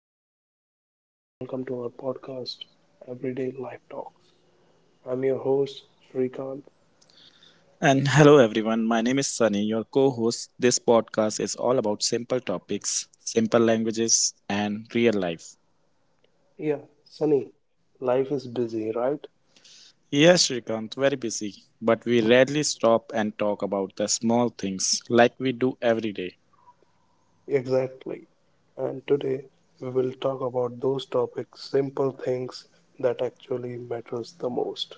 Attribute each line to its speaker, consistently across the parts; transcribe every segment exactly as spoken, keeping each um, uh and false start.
Speaker 1: Hello, everyone. Welcome to our podcast, Everyday Life Talks. I'm your host, Srikant.
Speaker 2: And hello everyone, my name is Sunny, your co host. This podcast is all about simple topics, simple languages, and real life.
Speaker 1: Yeah, Sunny, life is busy, right?
Speaker 2: Yes, Shrikant, very busy, but we rarely stop and talk about the small things like we do every day.
Speaker 1: Exactly. And today we will talk about those topics, simple things that actually matters the most.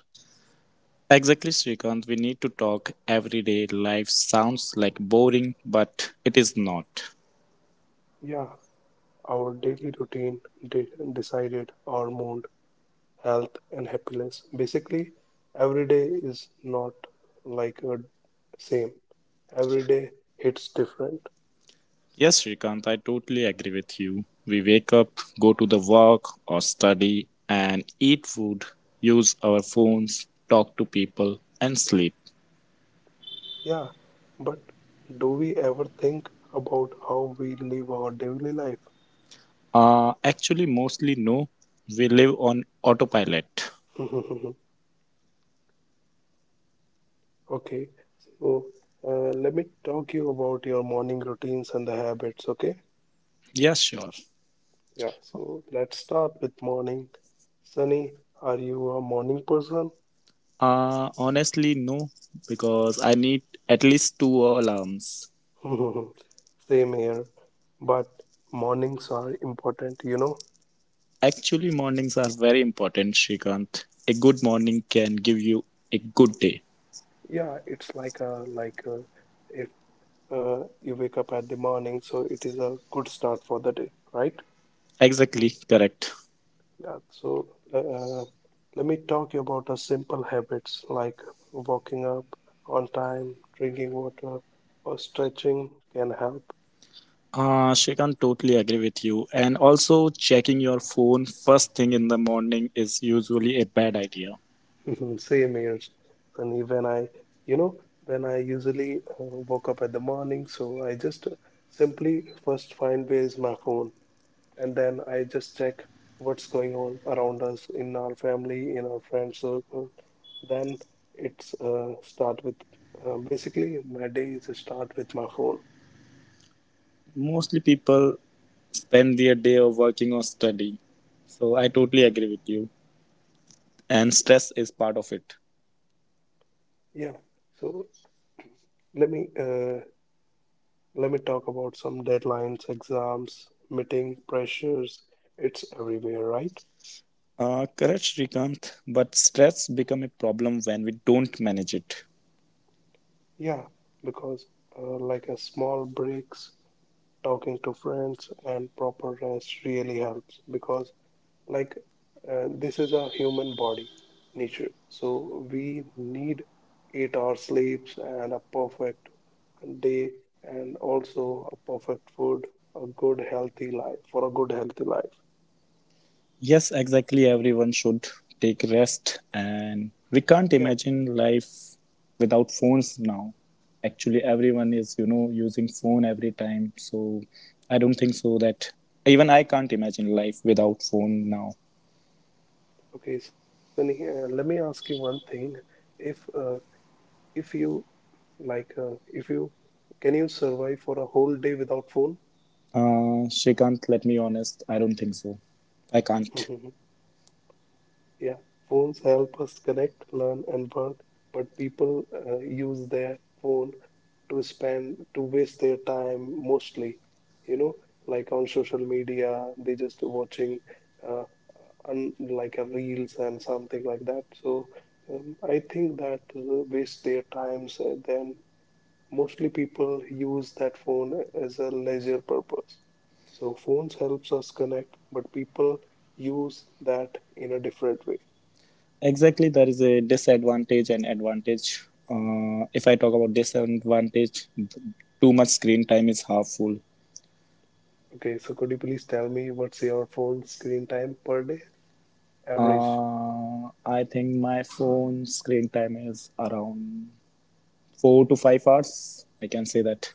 Speaker 2: Exactly, Shrikant, we need to talk every day. Life sounds like boring, but it is not.
Speaker 1: Yeah, our daily routine de- decided our mood, health, and happiness. Basically, every day is not like a same. Every day hits different.
Speaker 2: Yes, Shrikant, I totally agree with you. We wake up, go to the work or study and eat food, use our phones, talk to people, and sleep.
Speaker 1: Yeah, but do we ever think about how we live our daily life?
Speaker 2: Uh, actually, mostly no. We live on autopilot.
Speaker 1: Okay, so uh, let me talk you about your morning routines and the habits, okay?
Speaker 2: Yeah, sure.
Speaker 1: Yeah, so let's start with morning. Sunny, are you a morning person?
Speaker 2: Uh, honestly, no, because I need at least two alarms.
Speaker 1: Same here, but mornings are important, you know?
Speaker 2: Actually, mornings are very important, Shrikant. A good morning can give you a good day.
Speaker 1: Yeah, it's like a like a, if uh, you wake up at the morning, so it is a good start for the day, right?
Speaker 2: Exactly, correct.
Speaker 1: Yeah, so uh, let me talk you about the simple habits like waking up on time, drinking water, or stretching can help.
Speaker 2: Uh, Shrikant, totally agree with you. And also, checking your phone first thing in the morning is usually a bad idea.
Speaker 1: Same here. And even I, you know, when I usually uh, woke up at the morning, so I just uh, simply first find where is my phone. And then I just check what's going on around us in our family, in our friend circle. Then it's uh, start with uh, basically my days start with my phone.
Speaker 2: Mostly people spend their day of working or studying. So I totally agree with you. And stress is part of it.
Speaker 1: Yeah. So let me uh, let me talk about some deadlines, exams, meeting pressures. It's everywhere, right?
Speaker 2: Uh, correct, Shrikant. But stress become a problem when we don't manage it.
Speaker 1: Yeah, because uh, like a small breaks, talking to friends, and proper rest really helps because like uh, this is a human body nature, so we need eight hour sleeps and a perfect day, and also a perfect food, a good healthy life, for a good healthy life.
Speaker 2: Yes, exactly. Everyone should take rest, and we can't
Speaker 1: Yeah,
Speaker 2: imagine life without phones now. Actually, everyone is, you know, using phone every time. So I don't think so that even I can't imagine life without phone now.
Speaker 1: okay, Sunny, uh, let me ask you one thing. If uh, if you like uh, if you can you survive for a whole day without phone?
Speaker 2: Uh, Shrikant, let me honest. I don't think so. I can't.
Speaker 1: Yeah, phones help us connect, learn, and work, but people uh, use their phone to spend, to waste their time mostly, you know, like on social media, they just watching uh, un like a reels and something like that. So um, I think that uh, waste their times, uh, then mostly people use that phone as a leisure purpose. So phones helps us connect, but people use that in a different way.
Speaker 2: Exactly, there is a disadvantage and advantage. Uh, if I talk about disadvantage, too much screen time is harmful.
Speaker 1: Okay, so could you please tell me what's your phone screen time per day average?
Speaker 2: Uh, I think my phone screen time is around four to five hours. I can say that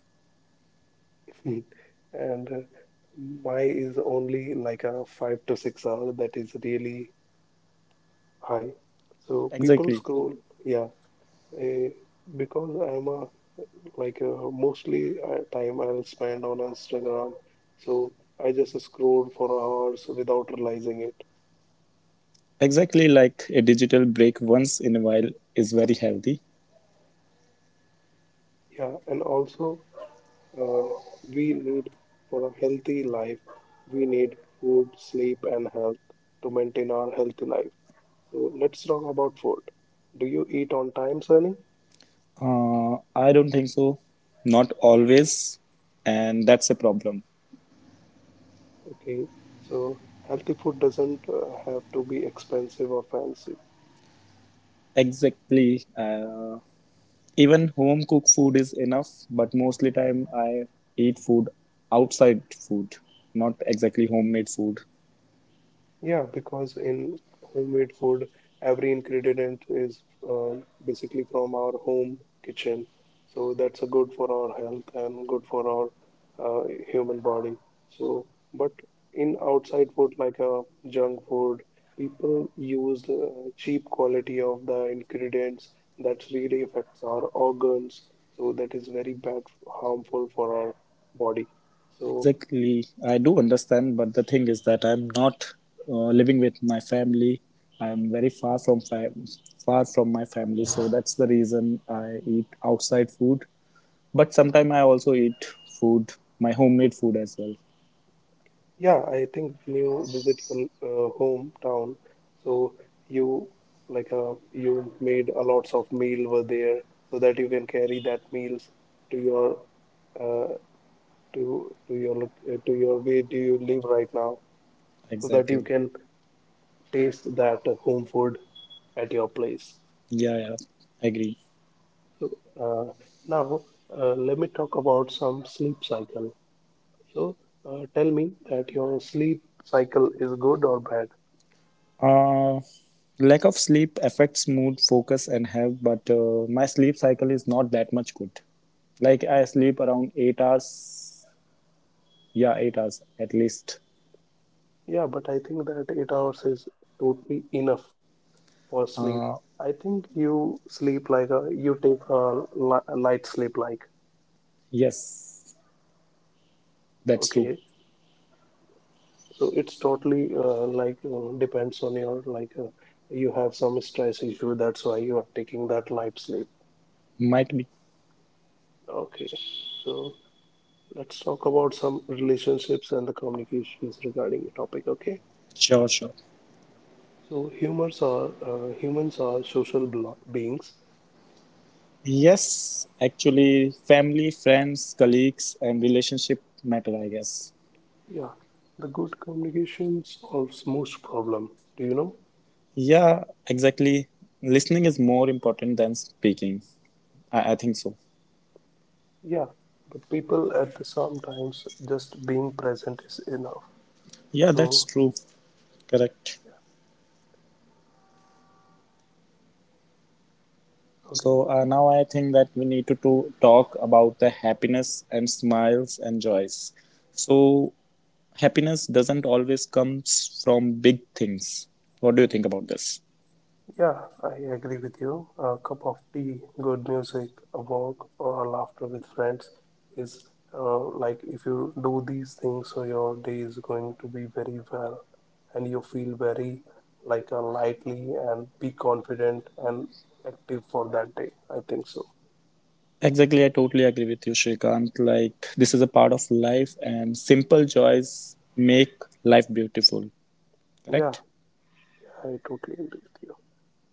Speaker 1: And uh, mine is only like a five to six hour. That is really high. So people
Speaker 2: exactly.
Speaker 1: scroll, yeah. eh, because I'm a like uh, mostly uh, time I'll spend on Instagram, so I just scroll for hours without realizing it.
Speaker 2: Exactly like a digital break once in a while is very healthy.
Speaker 1: Yeah, and also uh, we need for a healthy life. We need food, sleep, and health to maintain our healthy life. So let's talk about food. Do you eat on time, Sunny?
Speaker 2: Uh, I don't think so. Not always, and that's a problem.
Speaker 1: Okay. So healthy food doesn't uh, have to be expensive or fancy.
Speaker 2: Exactly. Uh, even home cooked food is enough, but mostly time I eat food outside food, not exactly homemade food.
Speaker 1: Yeah, because in homemade food, every ingredient is uh, basically from our home kitchen. So that's a good for our health and good for our uh, human body. So, but in outside food like uh, junk food, people use uh, cheap quality of the ingredients that really affects our organs. So that is very bad, harmful for our body. So
Speaker 2: Exactly. I do understand, but the thing is that I'm not uh, living with my family. I'm very far from fa- far from my family, so that's the reason I eat outside food. But sometimes I also eat food, my homemade food as well.
Speaker 1: yeah, I think when you visit your uh, hometown, so you like uh, you made a lots of meal were there, so that you can carry that meals to your uh, to to your loc- uh, to your way do you live right now, so that you
Speaker 2: Exactly.
Speaker 1: can taste that home food at your place.
Speaker 2: Yeah, yeah. I Agree.
Speaker 1: So uh, now uh, let me talk about some sleep cycle. So uh, tell me that your sleep cycle is good or bad.
Speaker 2: Uh, Lack of sleep affects mood, focus, and health. But uh, my sleep cycle is not that much good. Like I sleep around eight hours. Yeah, eight hours at least.
Speaker 1: Yeah, but I think that eight hours is totally enough for sleep.
Speaker 2: Uh,
Speaker 1: I think you sleep like a, you take a li light sleep like,
Speaker 2: Yes, that's true.
Speaker 1: okay. So it's totally uh, like uh, depends on your like uh, you have some stress issue, that's why you are taking that light sleep.
Speaker 2: Might be.
Speaker 1: Okay. So let's talk about some relationships and the communications regarding the topic, okay?
Speaker 2: Sure, sure.
Speaker 1: So humans are uh, humans are social blo- beings.
Speaker 2: Yes, actually, family, friends, colleagues, and relationship matter, I guess.
Speaker 1: Yeah, the good communication solves most problem. Do you know?
Speaker 2: Yeah, exactly. Listening is more important than speaking. I, I think so.
Speaker 1: Yeah, but people at the sometimes just being present is enough.
Speaker 2: Yeah, that's
Speaker 1: So
Speaker 2: true. Correct.
Speaker 1: okay,
Speaker 2: So uh, now I think that we need to, to talk about the happiness and smiles and joys. So, happiness doesn't always comes from big things. What do you think about this?
Speaker 1: yeah, I agree with you. A cup of tea, good music, a walk, or a laughter with friends is uh, like if you do these things, so your day is going to be very well, and you feel very like a lightly and be confident and active for that day. I think so.
Speaker 2: Exactly, I totally agree with you, Shrikant. Like, this is a part of life, and simple joys make life beautiful,
Speaker 1: Yeah,
Speaker 2: correct?
Speaker 1: I totally agree with you.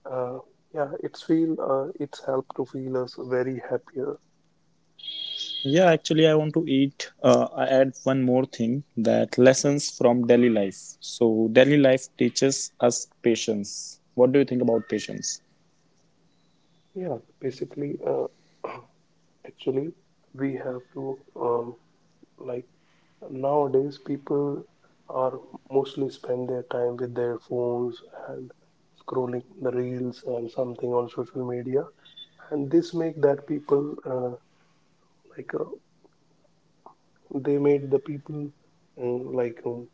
Speaker 1: Uh, yeah, it's feel uh, it's helped to feel us very happier.
Speaker 2: Yeah, actually, I want to eat. Uh, I add one more thing that lessons from daily life. So, daily life teaches us patience. What do you think about patience?
Speaker 1: Yeah, basically, uh, actually, we have to um, like nowadays people are mostly spend their time with their phones and scrolling the reels and something on social media, and this make that people uh, like uh, they made the people uh, like um,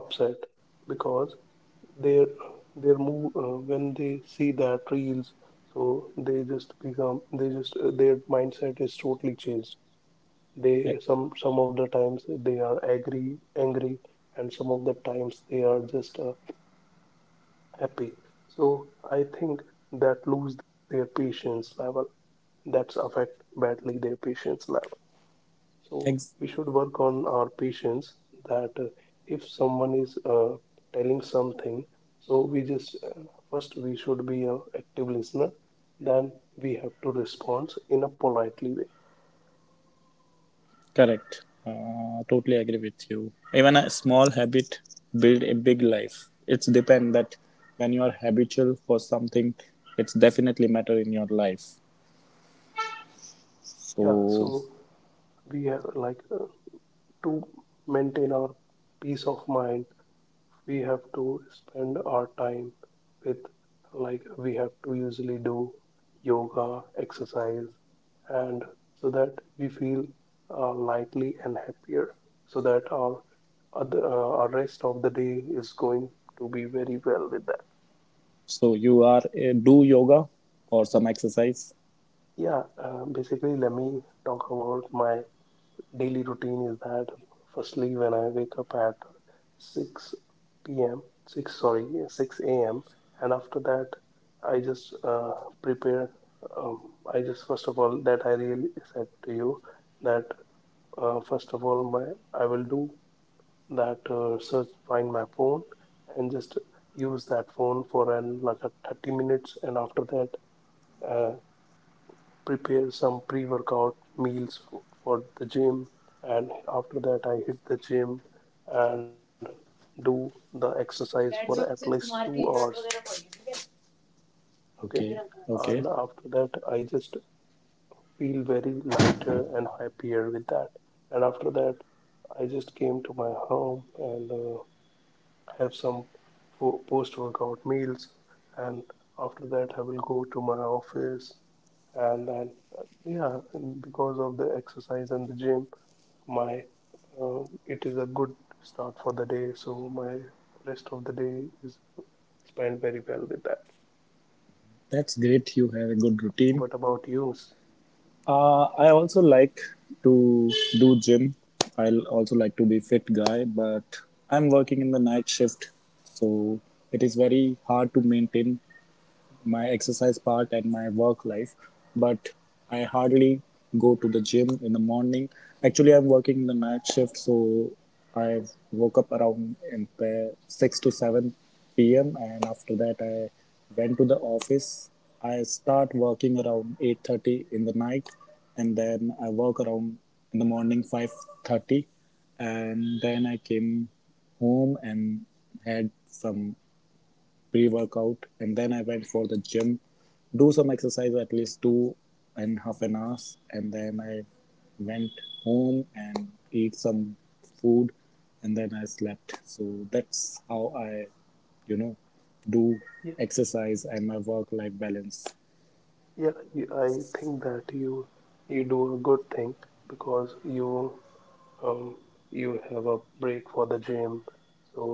Speaker 1: upset because their their move uh, when they see that reels, so they just become, they just uh, their mindset is totally changed. They
Speaker 2: I-
Speaker 1: some some of the times they are angry, angry, and some of the times they are just uh, happy. So I think that lose their patience level, that's affect badly their patience level, so
Speaker 2: Ex-
Speaker 1: we should work on our patience. That uh, If someone is uh, telling something, so we just uh, first we should be an active listener, then we have to respond in a politely way.
Speaker 2: Correct. Uh, totally agree with you. Even a small habit build a big life. It's depend that when you are habitual for something, it's definitely matter in your life.
Speaker 1: Yeah,
Speaker 2: So,
Speaker 1: so we have like uh, to maintain our peace of mind, we have to spend our time with, like we have to usually do yoga, exercise, and so that we feel uh, lightly and happier, so that our other, uh, our rest of the day is going to be very well with that.
Speaker 2: so you are uh, do yoga or some exercise.
Speaker 1: Yeah, uh, basically, let me talk about my daily routine is that firstly when I wake up at six p m, six, sorry, six a m, and after that I just uh, prepare um, I just first of all that I really said to you that uh, first of all my I will do that uh, search find my phone and just use that phone for an, like a thirty minutes, and after that uh, prepare some pre-workout meals for, for the gym, and after that I hit the gym and do the exercise for at least two hours, okay,
Speaker 2: Okay.
Speaker 1: and
Speaker 2: Okay.
Speaker 1: after that I just feel very lighter and happier with that, and after that I just came to my home and uh, have some post-workout meals, and after that I will go to my office, and then uh, yeah, because of the exercise and the gym, My uh, it is a good start for the day, so my rest of the day is spent very well with that.
Speaker 2: That's great. You have a good routine.
Speaker 1: What about you?
Speaker 2: Uh, I also like to do gym. I also like to be fit guy, but I'm working in the night shift, so it is very hard to maintain my exercise part and my work life. But I hardly go to the gym in the morning. Actually, I'm working in the night shift, so I woke up around in the six to seven p.m. And after that, I went to the office. I start working around eight thirty in the night, and then I work around in the morning five thirty. And then I came home and had some pre-workout, and then I went for the gym, do some exercise at least two and half an hour, and then I went home and eat some food, and then I slept. So that's how I you know do
Speaker 1: Yeah,
Speaker 2: exercise and my work life balance.
Speaker 1: yeah, you- I think that you you do a good thing because you um, you have a break for the gym, so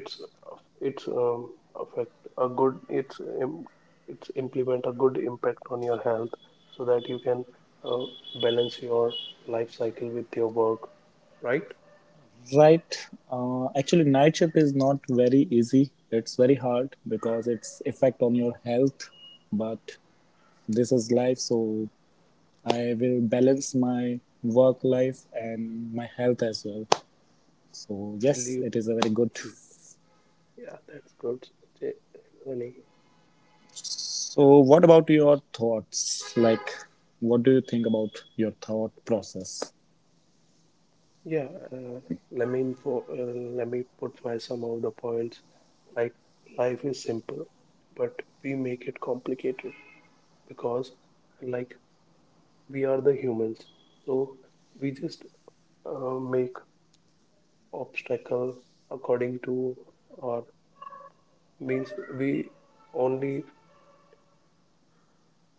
Speaker 1: it's it's um, affect a good, it's im- it's implement a good impact on your health, so that you can uh, balance your life cycle with your work, right?
Speaker 2: Right, uh, actually night shift is not very easy. It's very hard because it's effect on your health, but this is life, so I will balance my work life and my health as well. So yes,
Speaker 1: Salute.
Speaker 2: it is a very good.
Speaker 1: Yeah, that's good, Jay- Sunny.
Speaker 2: So what about your thoughts? Like, what do you think about your thought process?
Speaker 1: Yeah, uh, let me info, uh, let me put my some of the points, like life is simple but we make it complicated, because like we are the humans, so we just uh, make obstacle according to our, means we only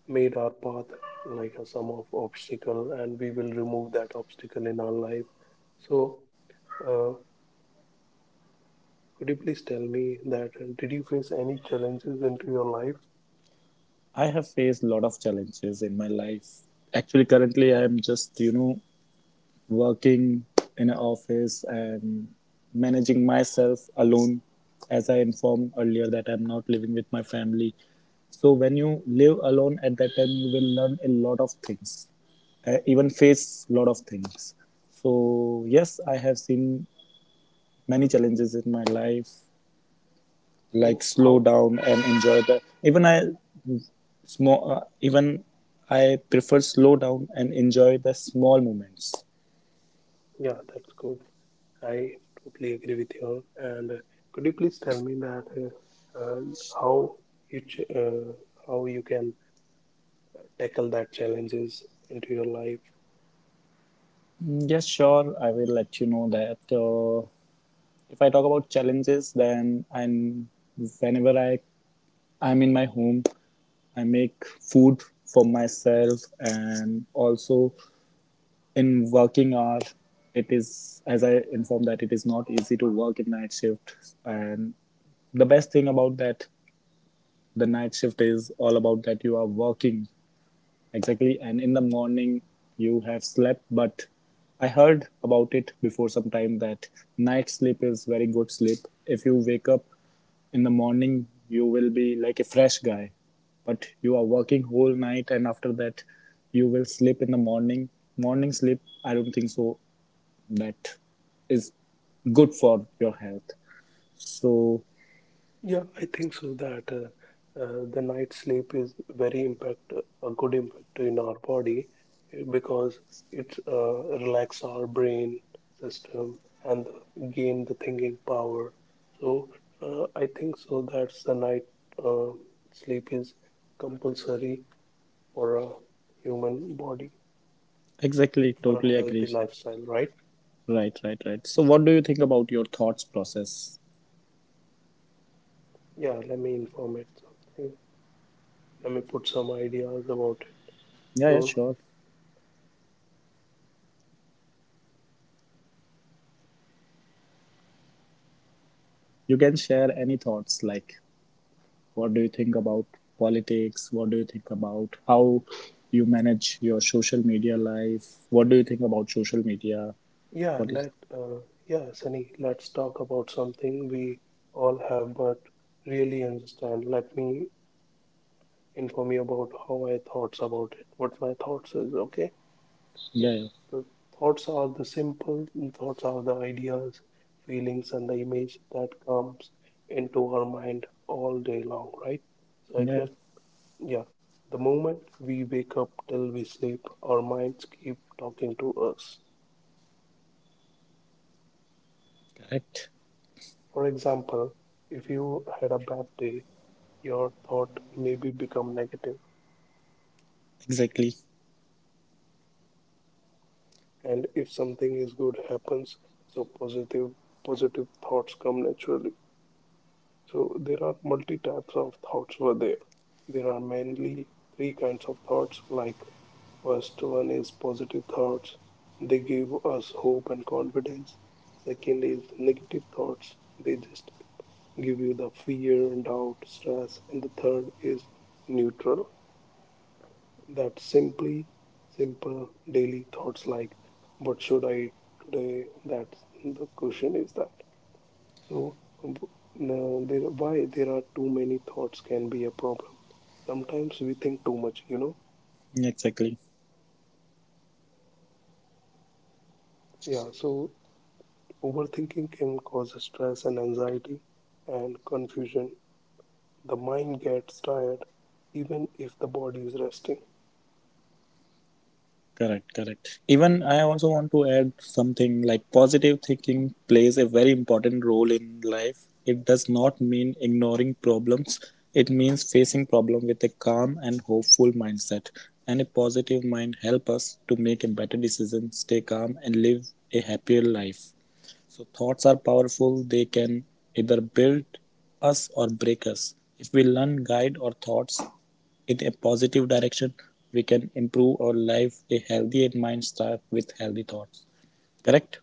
Speaker 1: made our path like a sum of obstacle, and we will remove that obstacle in our life. So uh, could you please tell me that uh, did you face any challenges into your life?
Speaker 2: I have faced a lot of challenges in my life. Actually, currently I am just you know working in an office and managing myself alone, as I informed earlier that I'm not living with my family. So when you live alone at that time, you will learn a lot of things, uh, even face a lot of things. So yes, I have seen many challenges in my life, like
Speaker 1: So
Speaker 2: slow
Speaker 1: how,
Speaker 2: down and enjoy the even I small uh, even I prefer slow down and enjoy the small moments.
Speaker 1: yeah, that's good. I totally agree with you all. And uh, could you please tell me that uh, uh, how you ch- uh, how you can tackle that challenges into your life?
Speaker 2: Yes, sure. I will let you know that uh, if I talk about challenges, then and whenever I I'm in my home, I make food for myself, and also in working hour, it is as I informed that it is not easy to work in night shift, and the best thing about that the night shift is all about that you are working. Exactly. And in the morning, you have slept, but I heard about it before some time that night sleep is very good sleep. If you wake up in the morning, you will be like a fresh guy, but you are working whole night, and after that, you will sleep in the morning. Morning sleep, I don't think so. That is good for your health. So,
Speaker 1: Yeah, I think so that uh, uh, the night sleep is very impact, a good impact in our body, uh, because it uh, relax our brain system and gain the thinking power. So uh, I think so that's the night uh, sleep is compulsory for a human body,
Speaker 2: exactly,
Speaker 1: for
Speaker 2: totally
Speaker 1: a healthy
Speaker 2: agree.
Speaker 1: lifestyle, right?
Speaker 2: Right, right, right. So, what do you think about your thoughts process?
Speaker 1: Yeah, let me inform it something. Let me put some ideas about it.
Speaker 2: Yeah, yeah,
Speaker 1: So
Speaker 2: sure. You can share any thoughts, like what do you think about politics? What do you think about how you manage your social media life? What do you think about social media?
Speaker 1: yeah,
Speaker 2: What is?
Speaker 1: let uh, yeah, Sunny, let's talk about something we all have but really understand. Let me inform you about how I thoughts about it, what my thoughts is, okay?
Speaker 2: Yeah,
Speaker 1: Yeah,
Speaker 2: yeah.
Speaker 1: the thoughts are the simple thoughts are the ideas, feelings, and the image that comes into our mind all day long, right? So
Speaker 2: Yeah, yeah.
Speaker 1: exact. Yeah, the moment we wake up till we sleep, our minds keep talking to us.
Speaker 2: Correct.
Speaker 1: For example, if you had a bad day, your thought maybe become negative,
Speaker 2: Exactly.
Speaker 1: and if something is good happens, so positive positive thoughts come naturally. So there are multi types of thoughts were there. There are mainly three kinds of thoughts, like first one is positive thoughts. They give us hope and confidence. Second is negative thoughts. They just give you the fear, doubt, stress. And the third is neutral. That simply simple daily thoughts like what should I eat today? That's the question is that. So now there, why there are too many thoughts can be a problem. Sometimes we think too much, you know?
Speaker 2: Exactly.
Speaker 1: Yeah, so overthinking can cause stress and anxiety and confusion. The mind gets tired even if the body is resting.
Speaker 2: Correct, correct. Even I also want to add something like positive thinking plays a very important role in life. It does not mean ignoring problems. It means facing problem with a calm and hopeful mindset. And a positive mind help us to make a better decision, stay calm and live a happier life. So thoughts are powerful. They can either build us or break us. If we learn guide our thoughts in a positive direction, we can improve our life. A healthy mind starts with healthy thoughts. Correct?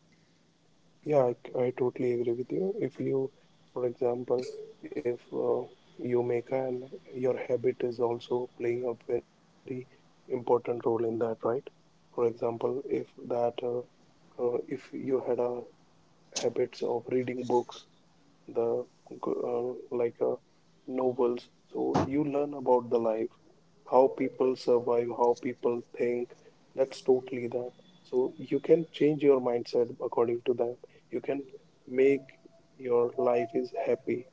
Speaker 1: Yeah, I, I totally agree with you. If you, for example, if uh, you make an, your habit is also playing a very important role in that, right? For example, if that, uh, uh, if you had a habits of reading books, the uh, like uh, novels, so you learn about the life how people survive, how people think. That's totally that. So you can change your mindset according to that. You can make your life is happy.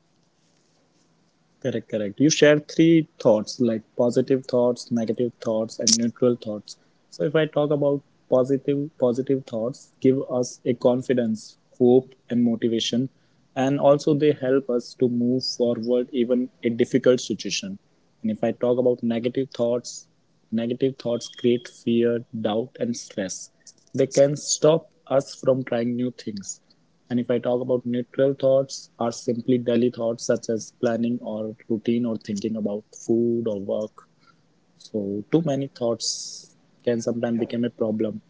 Speaker 2: Correct, correct. You shared three thoughts like positive thoughts, negative thoughts, and neutral thoughts. So, if I talk about positive, positive thoughts give us a confidence, hope, and motivation, and also they help us to move forward even a difficult situation. And if I talk about negative thoughts, negative thoughts create fear, doubt, and stress. They can stop us from trying new things. And if I talk about neutral thoughts, are simply daily thoughts such as planning or routine or thinking about food or work. So too many thoughts can sometimes
Speaker 1: Yeah,
Speaker 2: become a problem.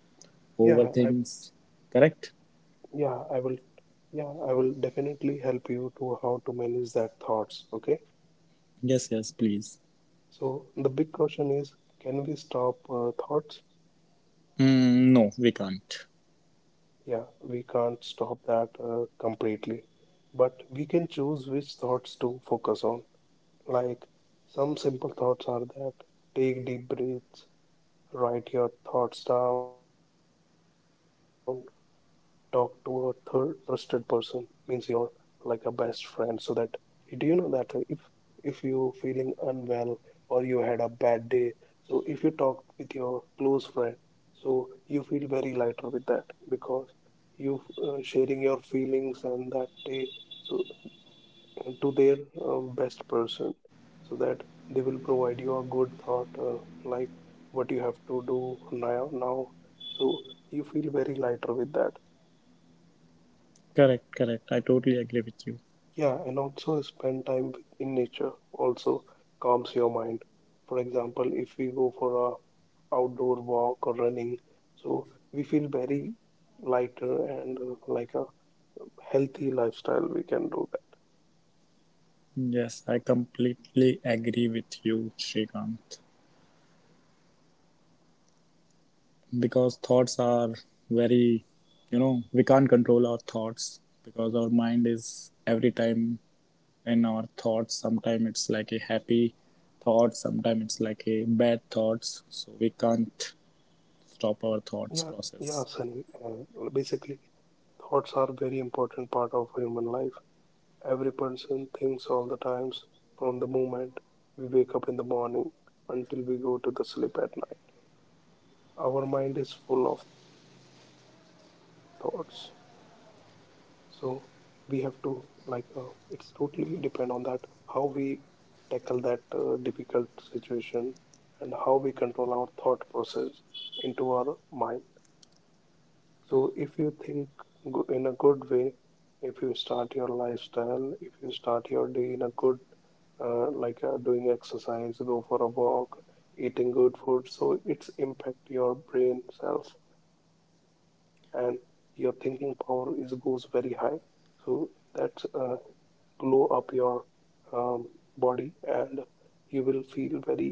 Speaker 1: yeah, I,
Speaker 2: Overthinks, correct?
Speaker 1: yeah, I will, yeah, I will definitely help you to how to manage that thoughts. Okay.
Speaker 2: Yes, yes, please.
Speaker 1: So the big question is, can we stop uh, thoughts?
Speaker 2: Hmm, no, we can't.
Speaker 1: Yeah, we can't stop that uh, completely, but we can choose which thoughts to focus on. Like some simple thoughts are that take deep breaths, write your thoughts down, talk to a third trusted person means you're like a best friend so that do you know that uh, if if you feeling unwell or you had a bad day, so if you talk with your close friend, so you feel very lighter with that because you uh, sharing your feelings and that day, so to their uh, best person, so that they will provide you a good thought uh, like what you have to do now now, so you feel very lighter with that.
Speaker 2: Correct, correct. I totally agree with you.
Speaker 1: Yeah, and also spend time with- in nature also calms your mind. For example, if we go for a outdoor walk or running, so we feel very lighter and uh, like a healthy lifestyle we can do that.
Speaker 2: Yes, I completely agree with you, Shrikant. Because thoughts are very, you know, we can't control our thoughts because our mind is every time in our thoughts. Sometimes it's like a happy thought, sometimes it's like a bad thoughts, so we can't stop our
Speaker 1: Yeah,
Speaker 2: thoughts
Speaker 1: yeah,
Speaker 2: process.
Speaker 1: Sunny, uh, basically, thoughts are a very important part of human life. Every person thinks all the times from the moment we wake up in the morning until we go to the sleep at night. Our mind is full of thoughts. So we have to like uh, it's totally depend on that how we tackle that uh, difficult situation and how we control our thought process into our mind. So if you think go- in a good way, if you start your lifestyle, if you start your day in a good, uh, like uh, doing exercise, go for a walk, eating good food, so it's impact your brain cells and your thinking power is goes very high. So that's uh, glow up your um, body and you will feel very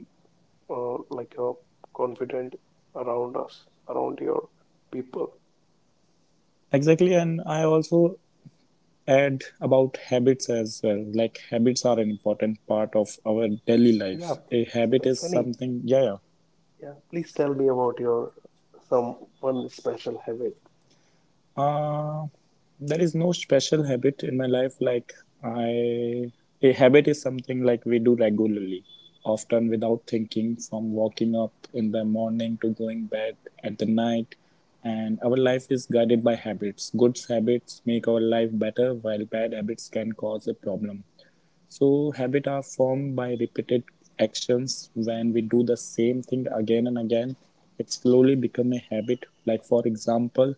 Speaker 1: uh, like uh, confident around us, around your people.
Speaker 2: Exactly, and I also add about habits as well. Like habits are an important part of our daily
Speaker 1: Yeah,
Speaker 2: life. A
Speaker 1: S-
Speaker 2: habit
Speaker 1: uh,
Speaker 2: is
Speaker 1: Sunny,
Speaker 2: something. Yeah, yeah.
Speaker 1: yeah, please tell me about your some one special habit.
Speaker 2: Uh, there is no special habit in my life. Like I, a habit is something like we do regularly, often without thinking, from waking up in the morning to going bed at the night. And our life is guided by habits. Good habits make our life better, while bad habits can cause a problem. So habits are formed by repeated actions. When we do the same thing again and again, it slowly become a habit. Like for example,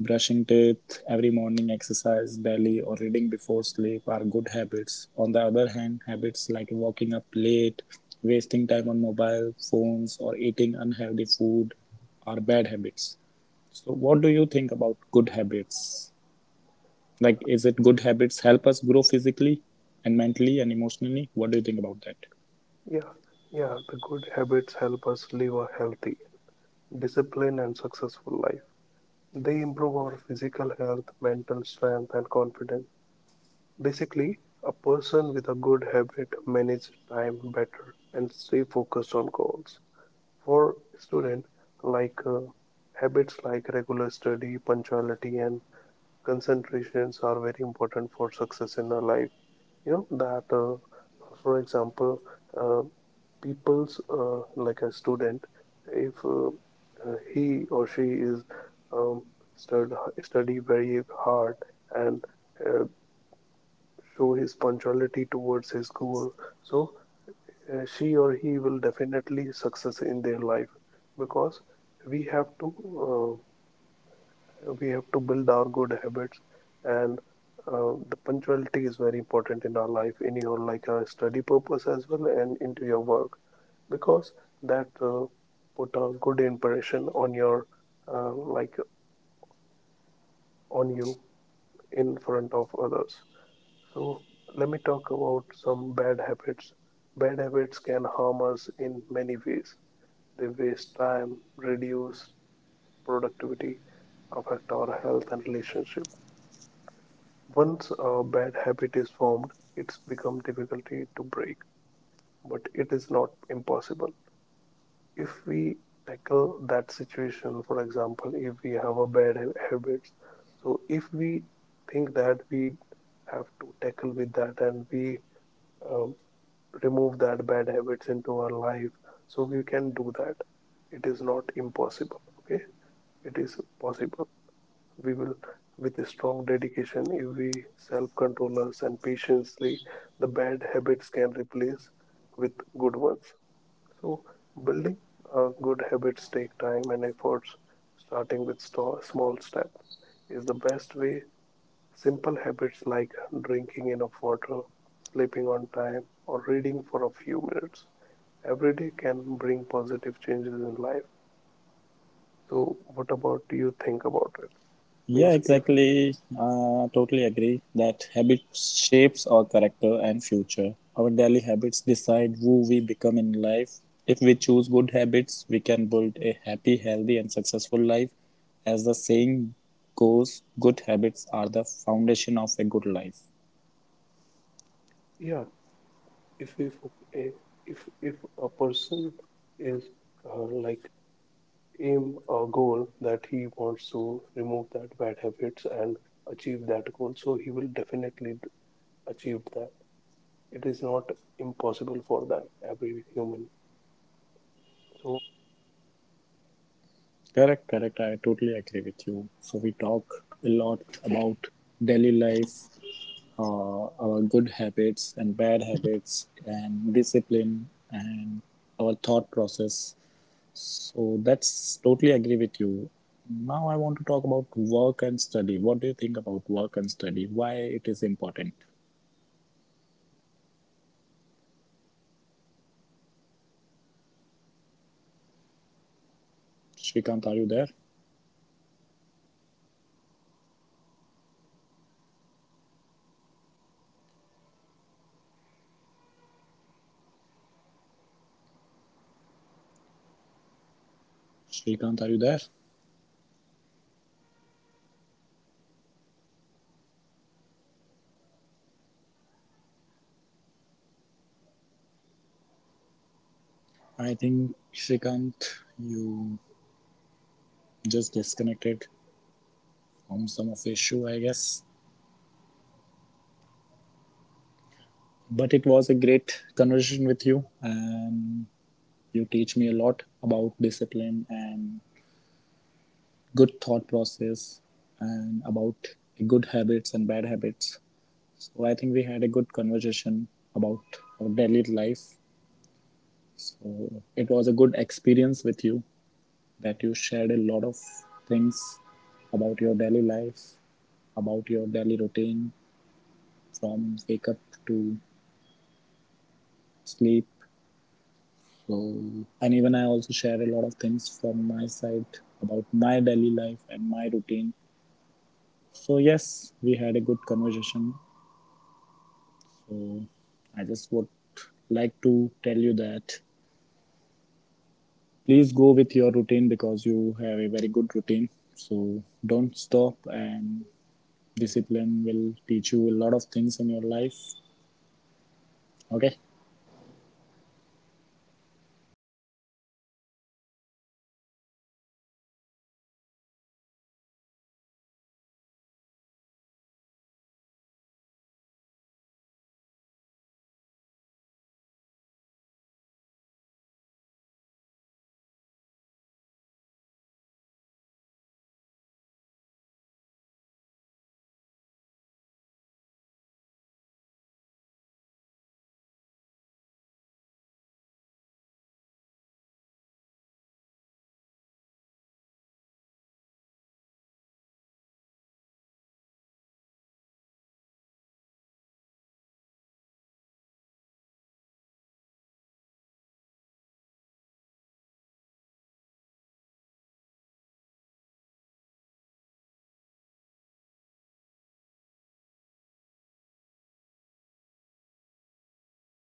Speaker 2: brushing teeth every morning, exercise daily, or reading before sleep are good habits. On the other hand, habits like waking up late, wasting time on mobile phones, or eating unhealthy food are bad habits. So, what do you think about good habits? Like, is it good habits help us grow physically and mentally and emotionally? What do you think about that?
Speaker 1: Yeah, yeah, the good habits help us live a healthy, disciplined, and successful life. They improve our physical health, mental strength, and confidence. Basically, a person with a good habit manages time better and stay focused on goals. For student, like uh, habits like regular study, punctuality, and concentrations are very important for success in our life. You know that uh, for example uh, people's uh, like a student, if uh, uh, he or she is um, stud- study very hard and uh, show his punctuality towards his goal, so uh, she or he will definitely success in their life because we have to uh, we have to build our good habits, and uh, the punctuality is very important in our life in your like a study purpose as well and into your work because that uh, put a good impression on your uh, like on you in front of others. So let me talk about some bad habits. Bad habits can harm us in many ways. They waste time, reduce productivity, affect our health and relationship. Once a bad habit is formed, it's become difficult to break, but it is not impossible. If we tackle that situation, for example, if we have a bad ha- habits, so if we think that we have to tackle with that and we um, remove that bad habits into our life, so we can do that. It is not impossible, okay? It is possible. We will, with a strong dedication, if we self-control us and patiently, the bad habits can replace with good ones. So, building uh, good habits take time and efforts. Starting with sto- small step is the best way. Simple habits like drinking enough water, sleeping on time, or reading for a few minutes every day can bring positive changes in life. So, what about you think about it?
Speaker 2: Yeah,
Speaker 1: Means, if,
Speaker 2: exactly. Uh, totally agree that habits shapes our character and future. Our daily habits decide who we become in life. If we choose good habits, we can build a happy, healthy, and successful life. As the saying goes, good habits are the foundation of a good life.
Speaker 1: yeah, if if eh, if if a person is uh, like aim a goal that he wants to remove that bad habits and achieve that goal, so he will definitely d- achieve that. It is not impossible for them every human, so
Speaker 2: Correct, correct. I totally agree with you. So we talk a lot about daily life, uh, our good habits and bad habits and discipline and our thought process. So that's totally agree with you. Now I want to talk about work and study. What do you think about work and study? Why it is important? Shrikant, are you there? Shrikant, are you there? I think Shrikant, you just disconnected from some of the issue, I guess. But it was a great conversation with you, and you teach me a lot about discipline and good thought process and about good habits and bad habits. So I think we had a good conversation about our daily life. So it was a good experience with you that you shared a lot of things about your daily life, about your daily routine from wake up to sleep. So and even I also shared a lot of things from my side about my daily life and my routine. So yes, we had a good conversation. So I just would like to tell you that please go with your routine because you have a very good routine. So don't stop, and discipline will teach you a lot of things in your life. Okay.